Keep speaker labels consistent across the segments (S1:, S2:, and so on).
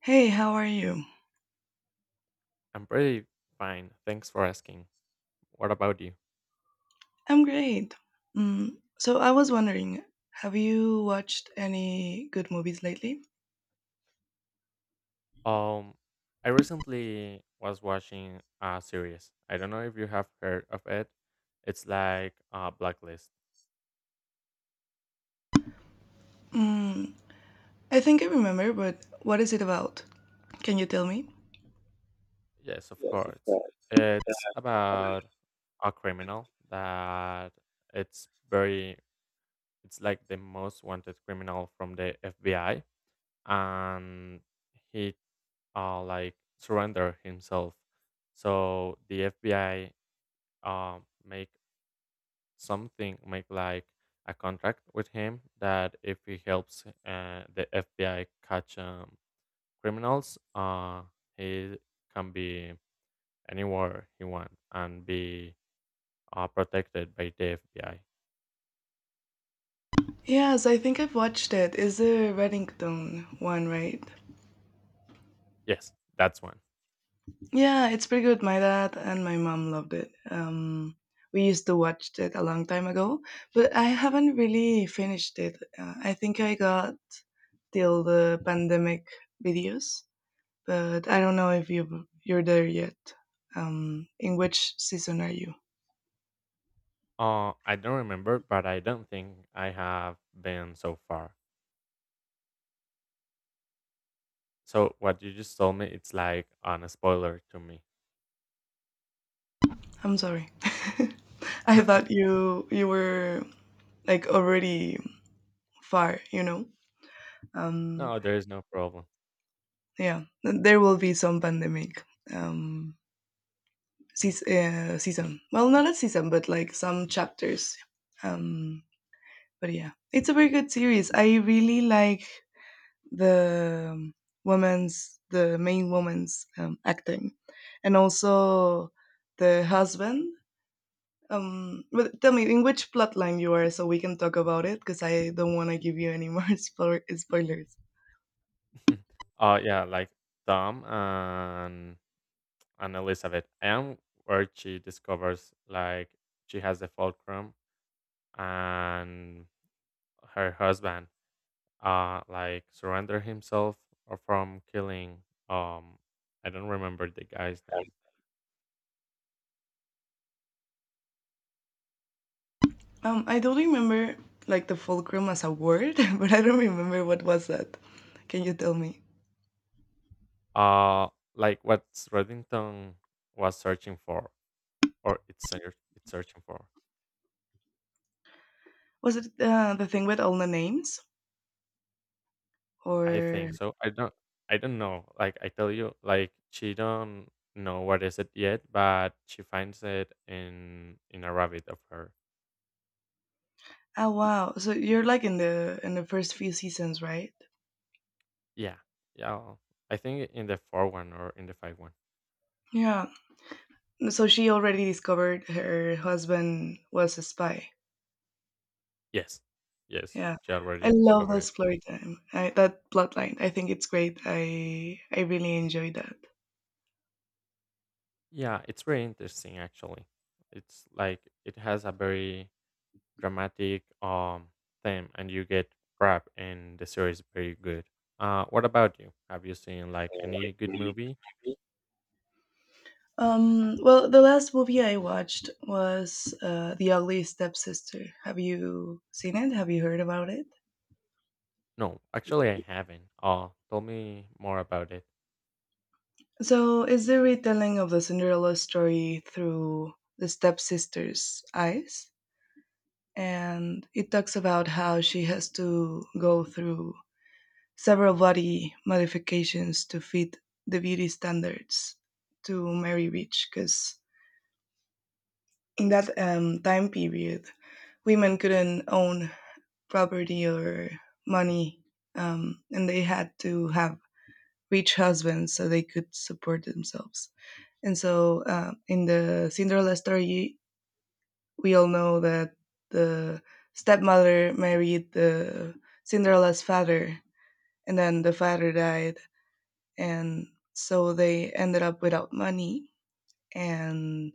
S1: Hey, how are you?
S2: I'm pretty fine. Thanks for asking. What about you?
S1: I'm great. So I was wondering, have you watched any good movies lately?
S2: Um, I recently was watching a series. I don't know if you have heard of it. It's like Blacklist.
S1: Mm, I think I remember, but what is it about? Can you tell me?
S2: Yes, of course. It's about a criminal that it's very it's like the most wanted criminal from the FBI and he like surrender himself. So the FBI make something make like a contract with him that if he helps the FBI catch criminals, he can be anywhere he wants and be protected by the FBI.
S1: Yes, I think I've watched it. Is the Reddington one, right?
S2: Yes, that's one.
S1: Yeah, it's pretty good. My dad and my mom loved it. We used to watch it a long time ago, but I haven't really finished it. I think I got till the pandemic videos. But I don't know if you're there yet. In which season are you?
S2: I don't remember, but I don't think I have been so far. So what you just told me, it's like on spoiler to me.
S1: I'm sorry. I thought you were like already far. Um,
S2: No, there is no problem.
S1: yeah, there will be some pandemic um, season. Well, not a season, but like some chapters. Um, but yeah, it's a very good series. I really like the um, the main woman's acting, and also the husband. But tell me in which plotline you are, so we can talk about it, because I don't want to give you any more spoilers.
S2: Yeah, like Tom and Elizabeth. I am where she discovers like she has the fulcrum and her husband like surrender himself or from killing um I don't remember the guy's name.
S1: I don't remember like the fulcrum as a word, but I don't remember what was that. Can you tell me?
S2: Uh like what Reddington was searching for or it's searching for.
S1: Was it the thing with all the names,
S2: I
S1: or
S2: think so. I don't know. Like I tell you, like she don't know what is it yet, but she finds it in a rabbit of her.
S1: oh wow, so you're like in the first few seasons, right?
S2: Yeah. Yeah. I think in the 4-1 or in the 5-1.
S1: Yeah. So she already discovered her husband was a spy.
S2: Yes. Yes.
S1: Yeah.
S2: She
S1: I
S2: already
S1: love the
S2: discovered it.
S1: Explorer Time. That plotline. I think it's great. I really enjoyed that.
S2: Yeah. It's very interesting, actually. It's like it has a very dramatic theme, and you get prep, and the series is very good. What about you? Have you seen like any good movie?
S1: Well, the last movie I watched was The Ugly Stepsister. Have you seen it? Have you heard about it?
S2: No, actually, I haven't. Tell me more about it.
S1: So it's the retelling of the Cinderella story through the stepsister's eyes. And it talks about how she has to go through several body modifications to fit the beauty standards to Mary rich, because in that time period, women couldn't own property or money, and they had to have rich husbands so they could support themselves. And so, in the Cinderella story, we all know that the stepmother married the Cinderella's father, and then the father died, and so they ended up without money, and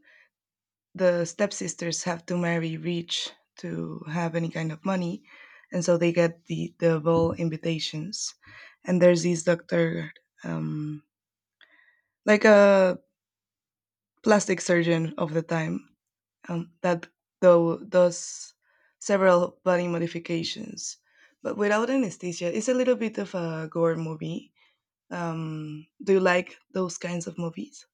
S1: the stepsisters have to marry rich to have any kind of money. And so they get the double invitations, and there's this doctor, um, like a plastic surgeon of the time, that though does several body modifications but without anesthesia. It's a little bit of a gore movie. Do you like those kinds of movies?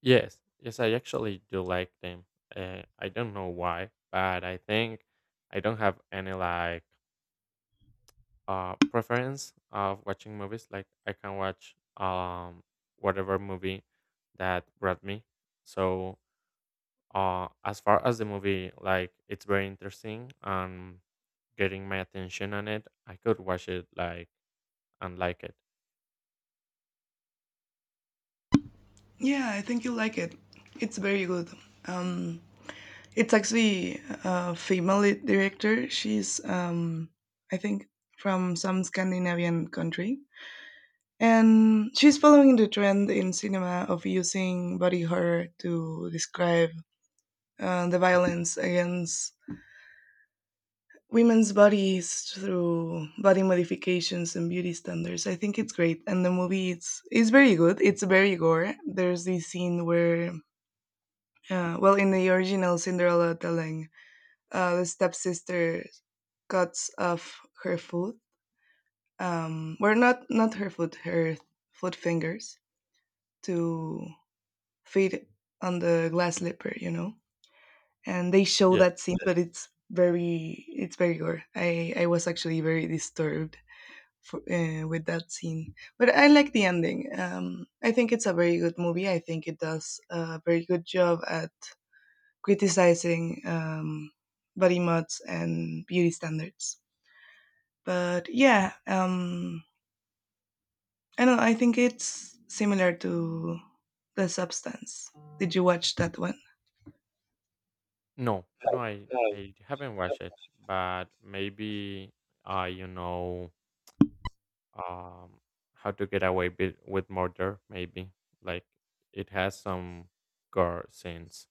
S2: Yes, yes, I actually do like them. I don't know why, but I think I don't have any like preference of watching movies. Like I can watch whatever movie that brought me. So as far as the movie, like it's very interesting and getting my attention on it, I could watch it like and like it.
S1: Yeah, I think you'll like it. It's very good. Um, it's actually a female lead director. She's, I think, from some Scandinavian country. And she's following the trend in cinema of using body horror to describe the violence against women's bodies through body modifications and beauty standards. I think it's great. And the movie, it's very good. It's very gore. There's this scene where yeah, well, in the original Cinderella telling, the stepsister cuts off her foot. Not not her foot, her foot fingers to fit on the glass slipper, you know. And they show
S2: Yes.
S1: that scene, but it's very gore. I was actually very disturbed for, with that scene, but I like the ending. I think it's a very good movie. I think it does a very good job at criticizing body mods and beauty standards. But yeah, um, I don't know. I think it's similar to the substance. Did you watch that one?
S2: No, I haven't watched it, but maybe you know, um how to Get Away bit with Murder. Maybe like it has some gore scenes.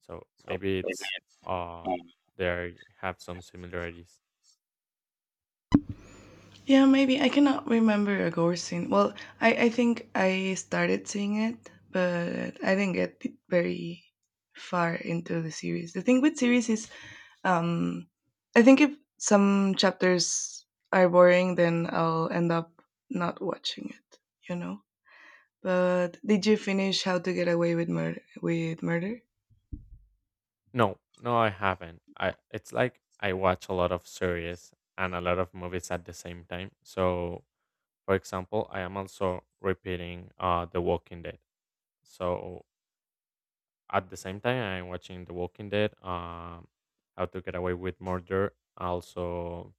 S2: So maybe it's uh there have some similarities.
S1: Yeah, maybe I cannot remember a gore scene. Well, I think I started seeing it, but I didn't get very far into the series. The thing with series is Um, I think if some chapters are boring, then I'll end up not watching it. You know. But did you finish How to Get Away with Murder? With Murder?
S2: No, no, I haven't. I it's like I watch a lot of series and a lot of movies at the same time. So for example, I am also repeating The Walking Dead. So at the same time I'm watching The Walking Dead, How to Get Away with Murder, also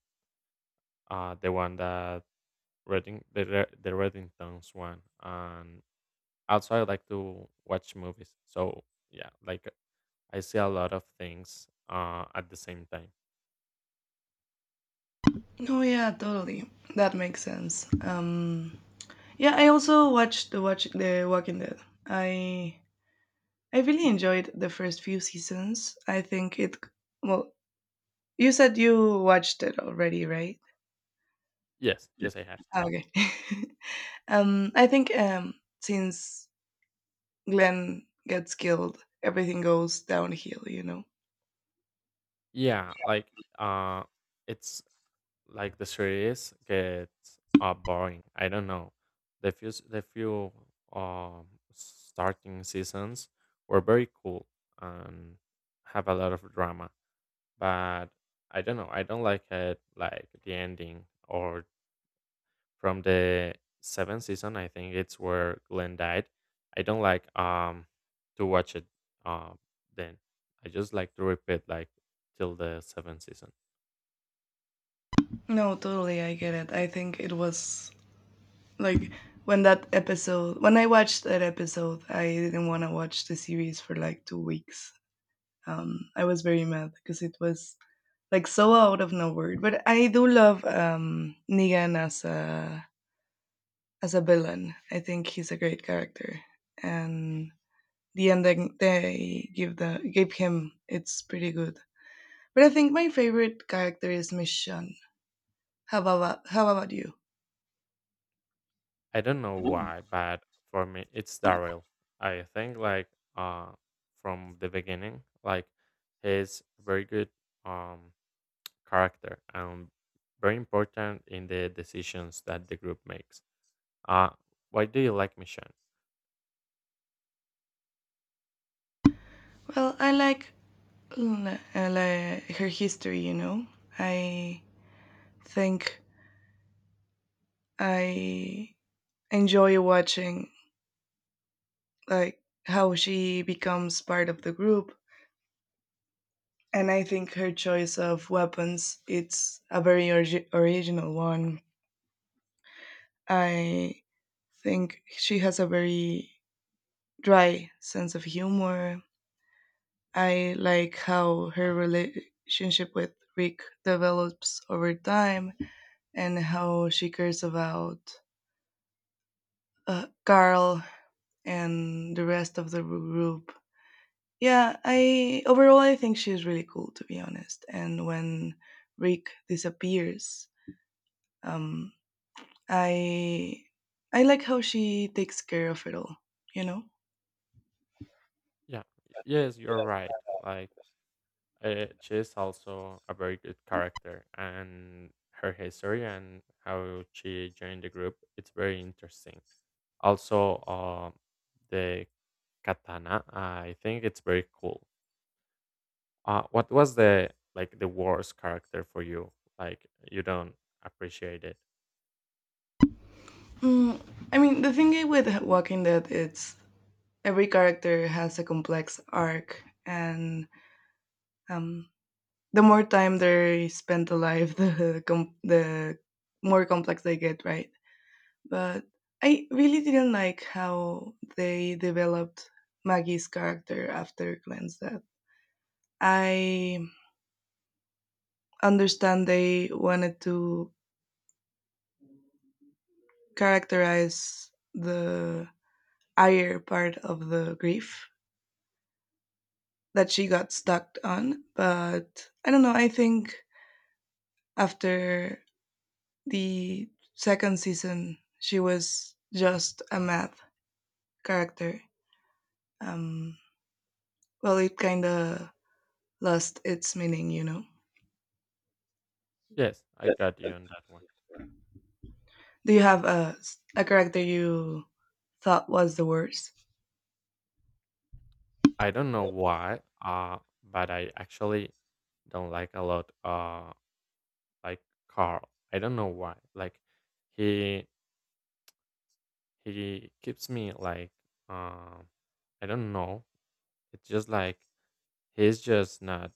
S2: the one that the Reddingtons one, and also I like to watch movies. So yeah, like I see a lot of things at the same time.
S1: Oh yeah, totally. That makes sense. Yeah, I also watched the Walking Dead. I I really enjoyed the first few seasons. I think it. Well, you said you watched it already, right?
S2: Yes, yes, I have.
S1: Ah, okay. I think since Glenn gets killed, everything goes downhill, you know?
S2: Yeah, like uh, it's like the series gets boring. I don't know. The few um, starting seasons were very cool and have a lot of drama, but I don't know. I don't like it, like the ending, or from the seventh season. I think it's where Glenn died. I don't like to watch it uh, then. I just like to repeat like till the seventh season.
S1: No, totally, I get it. I think it was like when that episode, when I watched that episode, I didn't want to watch the series for like 2 weeks. I was very mad because it was like so out of nowhere. But I do love Negan as a villain. I think he's a great character, and the ending they give the gave him it's pretty good. But I think my favorite character is Mission. How about you?
S2: I don't know why, but for me it's Daryl. I think like uh from the beginning, like he's a very good um character and very important in the decisions that the group makes. Uh why do you like Michonne?
S1: Well, I like Luna, like her history. You know, I think I enjoy watching like how she becomes part of the group, and I think her choice of weapons it's a very original one. I think she has a very dry sense of humor. I like how her relationship with Rick develops over time, and how she cares about Carl and the rest of the group. Yeah, I overall I think she's really cool, to be honest. And when Rick disappears, um, I I like how she takes care of it all. You know,
S2: Yeah, yes, you're right. Like she is also a very good character, and her history and how she joined the group it's very interesting. Also, the katana, I think it's very cool. What was the like the worst character for you? Like you don't appreciate it?
S1: mm, I mean, the thing with Walking Dead, it's every character has a complex arc. And Um, the more time they spend alive, the more complex they get, right? But I really didn't like how they developed Maggie's character after Glenn's death. I understand they wanted to characterize the higher part of the grief that she got stuck on, but I don't know. I think after the second season, she was just a math character. Um, well, it kind of lost its meaning, you know.
S2: Yes, I got you on that one.
S1: Do you have a character you thought was the worst?
S2: I don't know why, but I actually don't like a lot. Like Carl. I don't know why. Like he he keeps me like um I don't know. It's just like he's just not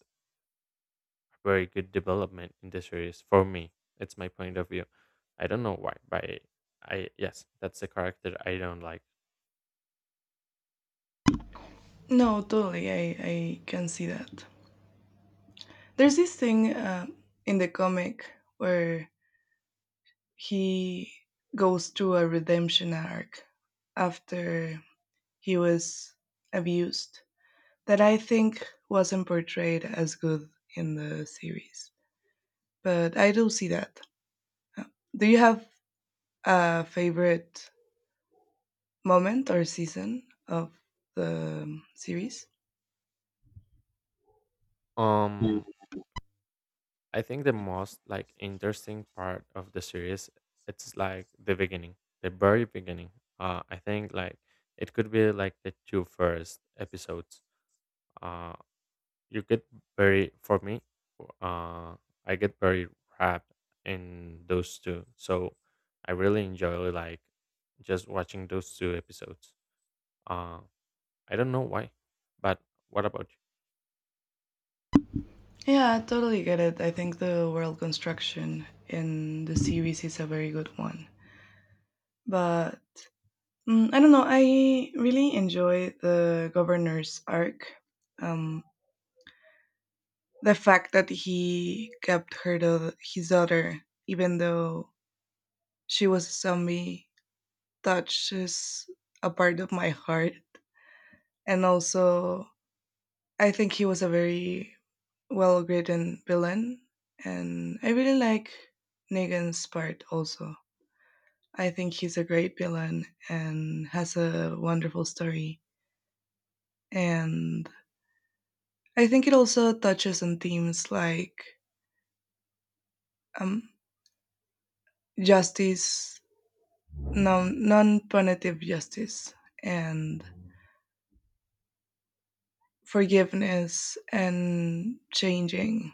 S2: a very good development in the series. For me it's my point of view. I don't know why, but I yes, that's the character I don't like.
S1: No, totally. I can see that. There's this thing in the comic where he goes through a redemption arc after he was abused, that I think wasn't portrayed as good in the series. But I do see that. Uh, Do you have a favorite moment or season of the series?
S2: um I think the most like interesting part of the series it's like the beginning, the very beginning. I think like it could be like the two first episodes. Uh, you get very, for me, uh I get very wrapped in those two, so I really enjoy like just watching those two episodes. uh I don't know why, but what about
S1: Yeah, I totally get it. I think the world construction in the series is a very good one. But I don't know, I really enjoy the governor's arc. Um, the fact that he kept her, to his daughter, even though she was some me touches a part of my heart. And also, I think he was a very well written villain. And I really like Negan's part also. I think he's a great villain and has a wonderful story. And I think it also touches on themes like um, justice, non punitive justice, and forgiveness, and changing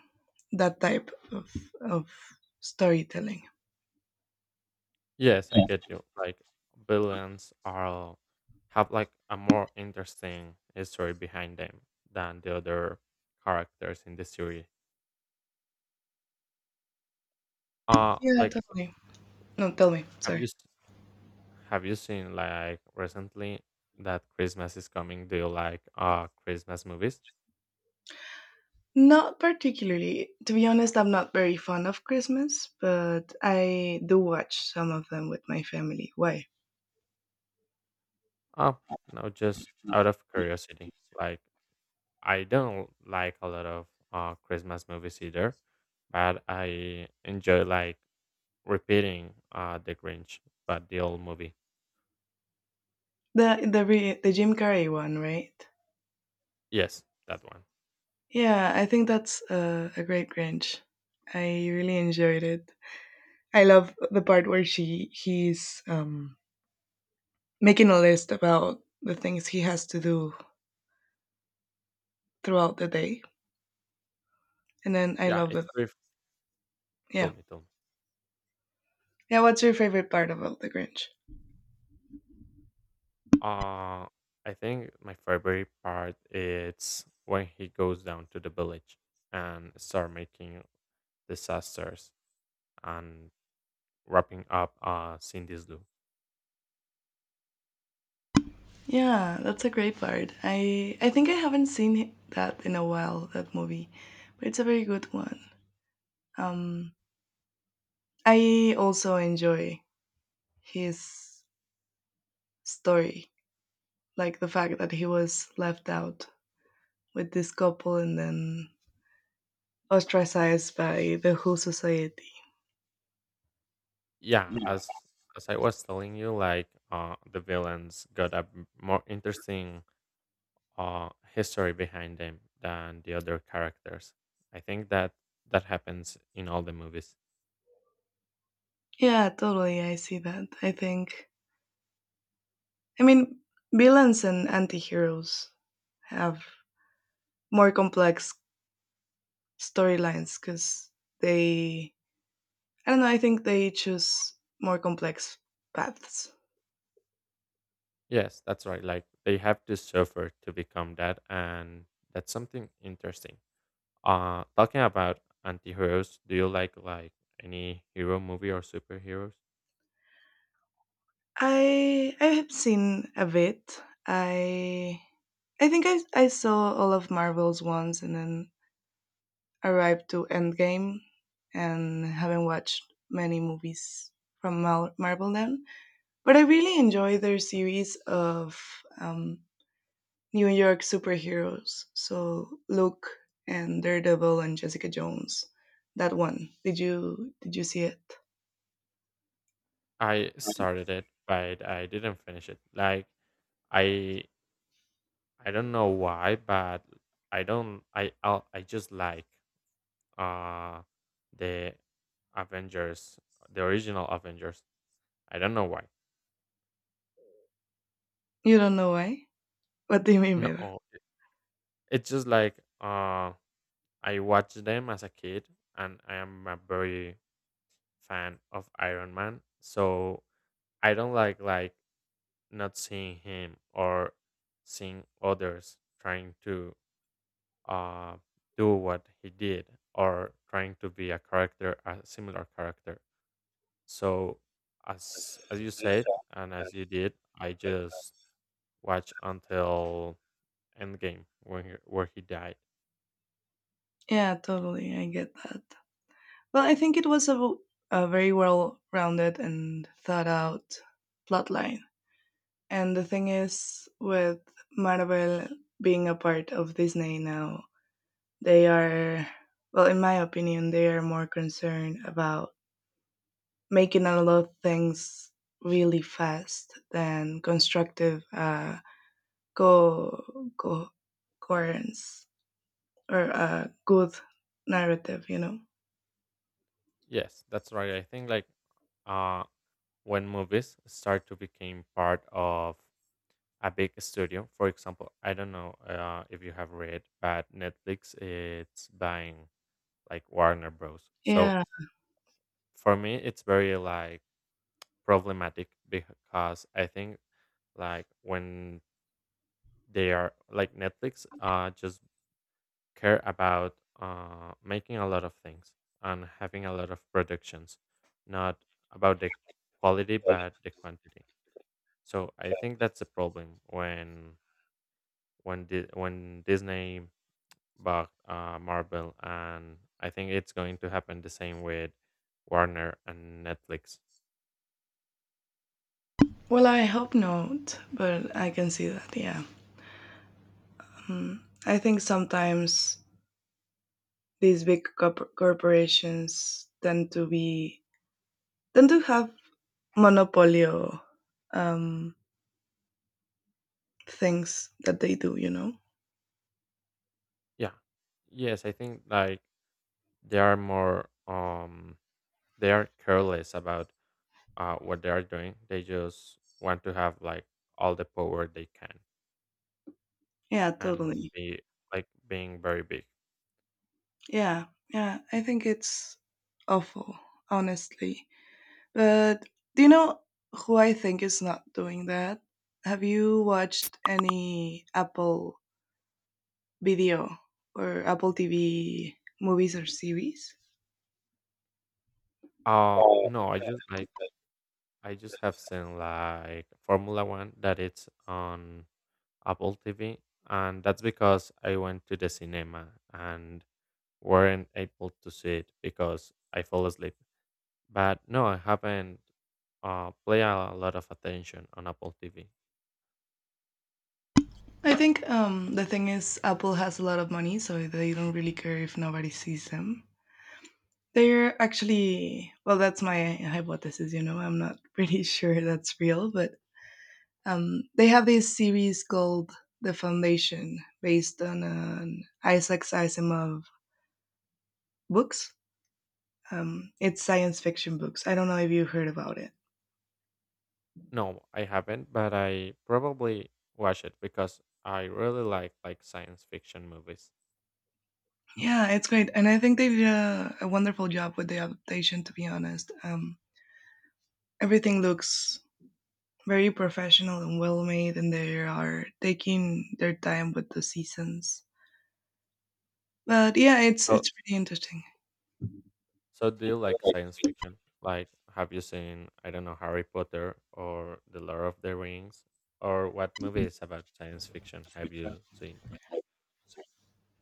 S1: that type of storytelling.
S2: you? Yes, I get you. Like villains are have like a more interesting history behind them than the other characters in the series. uh
S1: Yeah,
S2: like
S1: totally. No, tell me.
S2: have you
S1: Sorry.
S2: have you seen like recently that Christmas is coming? Do you like Christmas movies?
S1: Not particularly. To be honest, I'm not very fond of Christmas, but I do watch some of them with my family. Why?
S2: Oh, no, just out of curiosity. Like I don't like a lot of Christmas movies either, but I enjoy like repeating The Grinch, but the old movie.
S1: The Jim Carrey one, right?
S2: Yes, that one.
S1: Yeah, I think that's a great Grinch. I really enjoyed it. I love the part where she he's making a list about the things he has to do throughout the day. And then I
S2: Yeah,
S1: loved it.
S2: it's brief. Tell
S1: Yeah.
S2: me, tell me.
S1: Yeah, what's your favorite part about The Grinch?
S2: Uh I think my favorite part is when he goes down to the village and start making disasters and wrapping up Cindy's Lou.
S1: Yeah, that's a great part. I think I haven't seen that in a while, that movie. But it's a very good one. Um I also enjoy his story, like the fact that he was left out with this couple and then ostracized by the whole society.
S2: Yeah, as I was telling you, like the villains got more interesting uh history behind them than the other characters. I think that happens in all the movies.
S1: Yeah, totally. I see that. I think I mean villains and anti-heroes have more complex storylines because they I don't know. I think they choose more complex paths.
S2: Yes, that's right. Like they have to suffer to become that, and that's something interesting. Talking about anti-heroes, do you like any hero movie or superheroes?
S1: I have seen a bit. I think I saw all of Marvel's ones, and then arrived to Endgame, and haven't watched many movies from Marvel then. But I really enjoy their series of um, New York superheroes. So Luke and Daredevil and Jessica Jones. That one. Did you see it?
S2: I started it, but I didn't finish it. Like I I don't know why, but I don't I I'll, I just like uh the Avengers, the original Avengers. I don't know why.
S1: You don't know why? What do you mean by that?
S2: No, it- It's just like I watched them as a kid, and I am a very fan of Iron Man. So I don't like not seeing him or seeing others trying to uh, do what he did or trying to be a character, a similar character. So as you said, and as you did, I just watched until Endgame when he, where he died.
S1: Yeah, totally. I get that. Well, I think it was a very well rounded and thought out plotline. And the thing is, with Marvel being a part of Disney now, they are, well, in my opinion, they are more concerned about making a lot of things really fast than constructive co- co- coherence or a good narrative, you know?
S2: Yes, that's right. I think like uh, when movies start to become part of a big studio, for example, I don't know if you have read, but Netflix it's buying like Warner Bros. So
S1: Yeah.
S2: for me, it's very like problematic, because I think like when they are like Netflix just care about making a lot of things and having a lot of productions, not about the quality but the quantity. So I think that's a problem when when Disney bought Marvel, and I think it's going to happen the same with Warner and Netflix.
S1: Well, I hope not, but I can see that, yeah. Mm. I think sometimes these big corporations tend to be, tend to have monopoly um, things that they do, you know?
S2: Yeah, yes, I think like they are more they are careless about what they are doing. They just want to have like all the power they can
S1: Yeah,
S2: and
S1: totally.
S2: be like being very big.
S1: Yeah, I think it's awful, honestly. But do you know who I think is not doing that? Have you watched any Apple video or Apple TV movies or series?
S2: No, I just like I just have seen like Formula 1 that it's on Apple TV, and that's because I went to the cinema and weren't able to see it because I fell asleep. But no, I haven't play a lot of attention on Apple TV.
S1: I think the thing is, Apple has a lot of money, so they don't really care if nobody sees them. They're actually, well, that's my hypothesis, you know, I'm not pretty sure that's real, but they have this series called The Foundation, based on an Isaac Asimov books. It's science fiction books. I don't know if you heard about it.
S2: No, I haven't, but I probably watch it because I really like science fiction movies.
S1: Yeah, it's great, and I think they did a wonderful job with the adaptation. To be honest, everything looks very professional and well made, and they are taking their time with the seasons. But yeah, it's
S2: So
S1: it's pretty interesting.
S2: do you like science fiction? Like have you seen, I don't know, Harry Potter or The Lord of the Rings, or what movies about science fiction have you seen?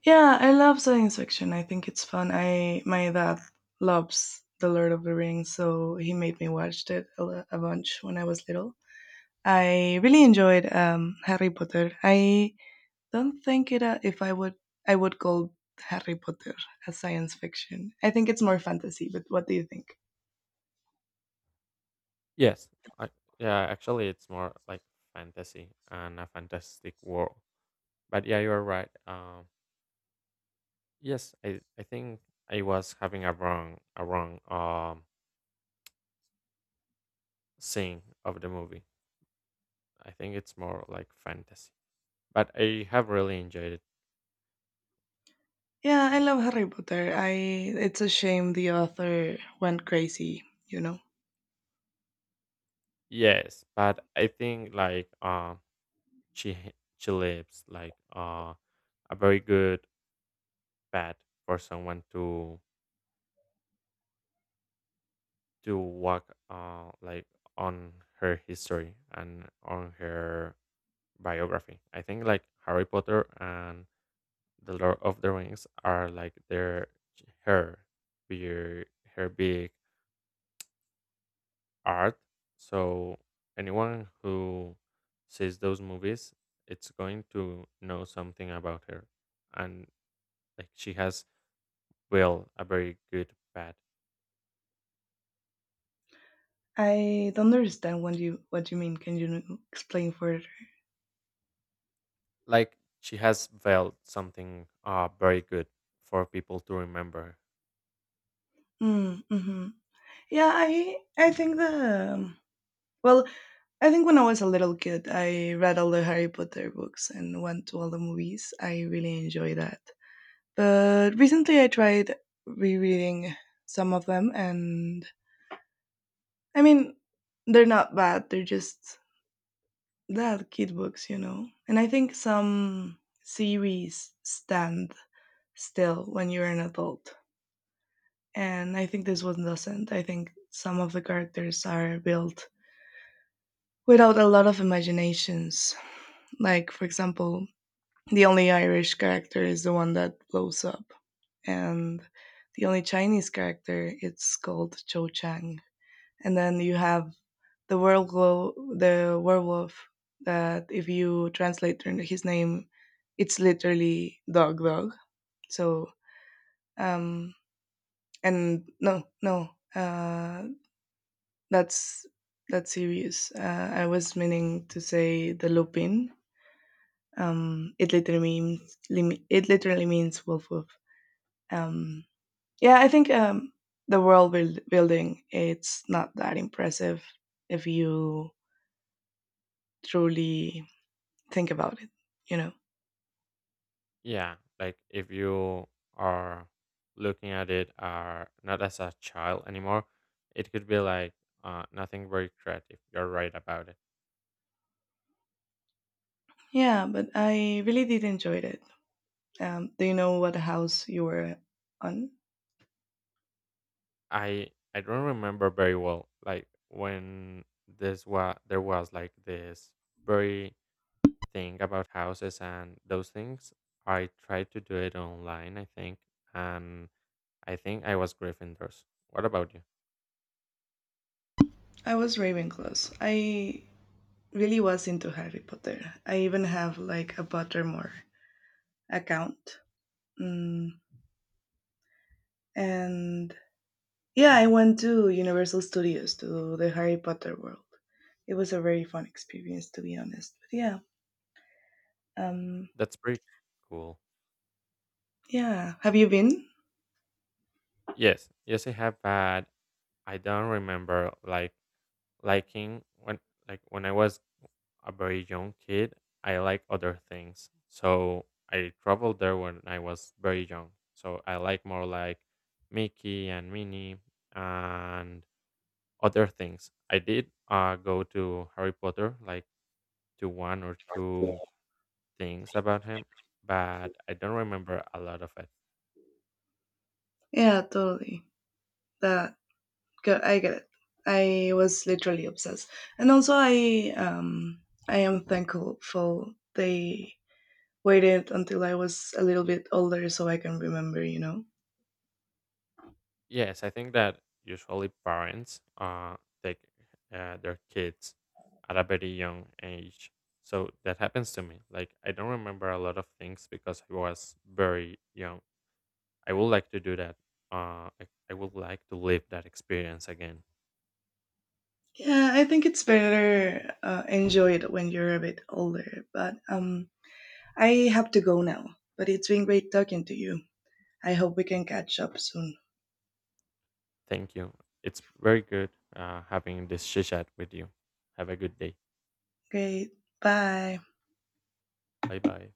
S1: Yeah, I love science fiction. I think it's fun. I my dad loves The Lord of the Rings, so he made me watch it a bunch when I was little. I really enjoyed Harry Potter. I don't think it if I would I would call Harry Potter as science fiction. I think it's more fantasy. But what do you think?
S2: Yes, I yeah, actually it's more like fantasy and a fantastic world. But yeah, you're right. Yes, I think I was having a wrong scene of the movie. I think it's more like fantasy, but I have really enjoyed it.
S1: Yeah, I love Harry Potter. I it's a shame the author went crazy. You know,
S2: Yes, but I think like she leaves like a very good path for someone to walk like on her history and on her biography. I think like Harry Potter and the Lord of the Rings are like their her, her big art. So anyone who sees those movies, it's going to know something about her, and like she has well a very good path.
S1: I don't understand what you mean. Can you explain further?
S2: Like she has veiled something very good for people to remember.
S1: Mm, mm-hmm. Yeah, I think the well, I think when I was a little kid, I read all the Harry Potter books and went to all the movies. I really enjoy that. But recently, I tried rereading some of them, and I mean, they're not bad. They're just that kid books, you know. And I think some series stand still when you're an adult, and I think this one doesn't. I think some of the characters are built without a lot of imaginations. Like, for example, the only Irish character is the one that blows up, and the only Chinese character it's called Cho Chang. And then you have the werewolf that if you translate his name, it's literally dog dog. So um and no no uh that's that's serious. I was meaning to say the Lupin. It literally means it literally means wolf wolf. Um, yeah, I think the world building it's not that impressive if you truly think about it. You know.
S2: Yeah, like if you are looking at it are not as a child anymore, it could be like nothing very creative. You're right about it.
S1: Yeah, but I really did enjoy it. Do you know what house you were on?
S2: I don't remember very well. Like when this was, there was like this very thing about houses and those things. I tried to do it online, I think, and I think I was Gryffindors. What about you?
S1: I was Ravenclaw. I really was into Harry Potter. I even have like a Pottermore account. Mm, and Yeah, I went to Universal Studios to the Harry Potter world. It was a very fun experience, to be honest. Um,
S2: That's pretty cool.
S1: yeah. Have you been?
S2: Yes, yes, I have, but I don't remember like liking when when I was a very young kid, I like other things. So I traveled there when I was very young. So I like more like Mickey and Minnie and other things. I did go to Harry Potter like to one or two things about him, but I don't remember a lot of it.
S1: Yeah, totally. That I get it. I was literally obsessed, and also I am thankful for they waited until I was a little bit older so I can remember. You know.
S2: Yes, I think that usually parents take their kids at a very young age. So that happens to me. Like, I don't remember a lot of things because I was very young. I would like to do that. I would like to live that experience again.
S1: Yeah, I think it's better enjoy it when you're a bit older. But I have to go now, but it's been great talking to you. I hope we can catch up soon.
S2: Thank you. It's very good having this chit chat with you. Have a good day.
S1: Okay, bye.
S2: Bye bye.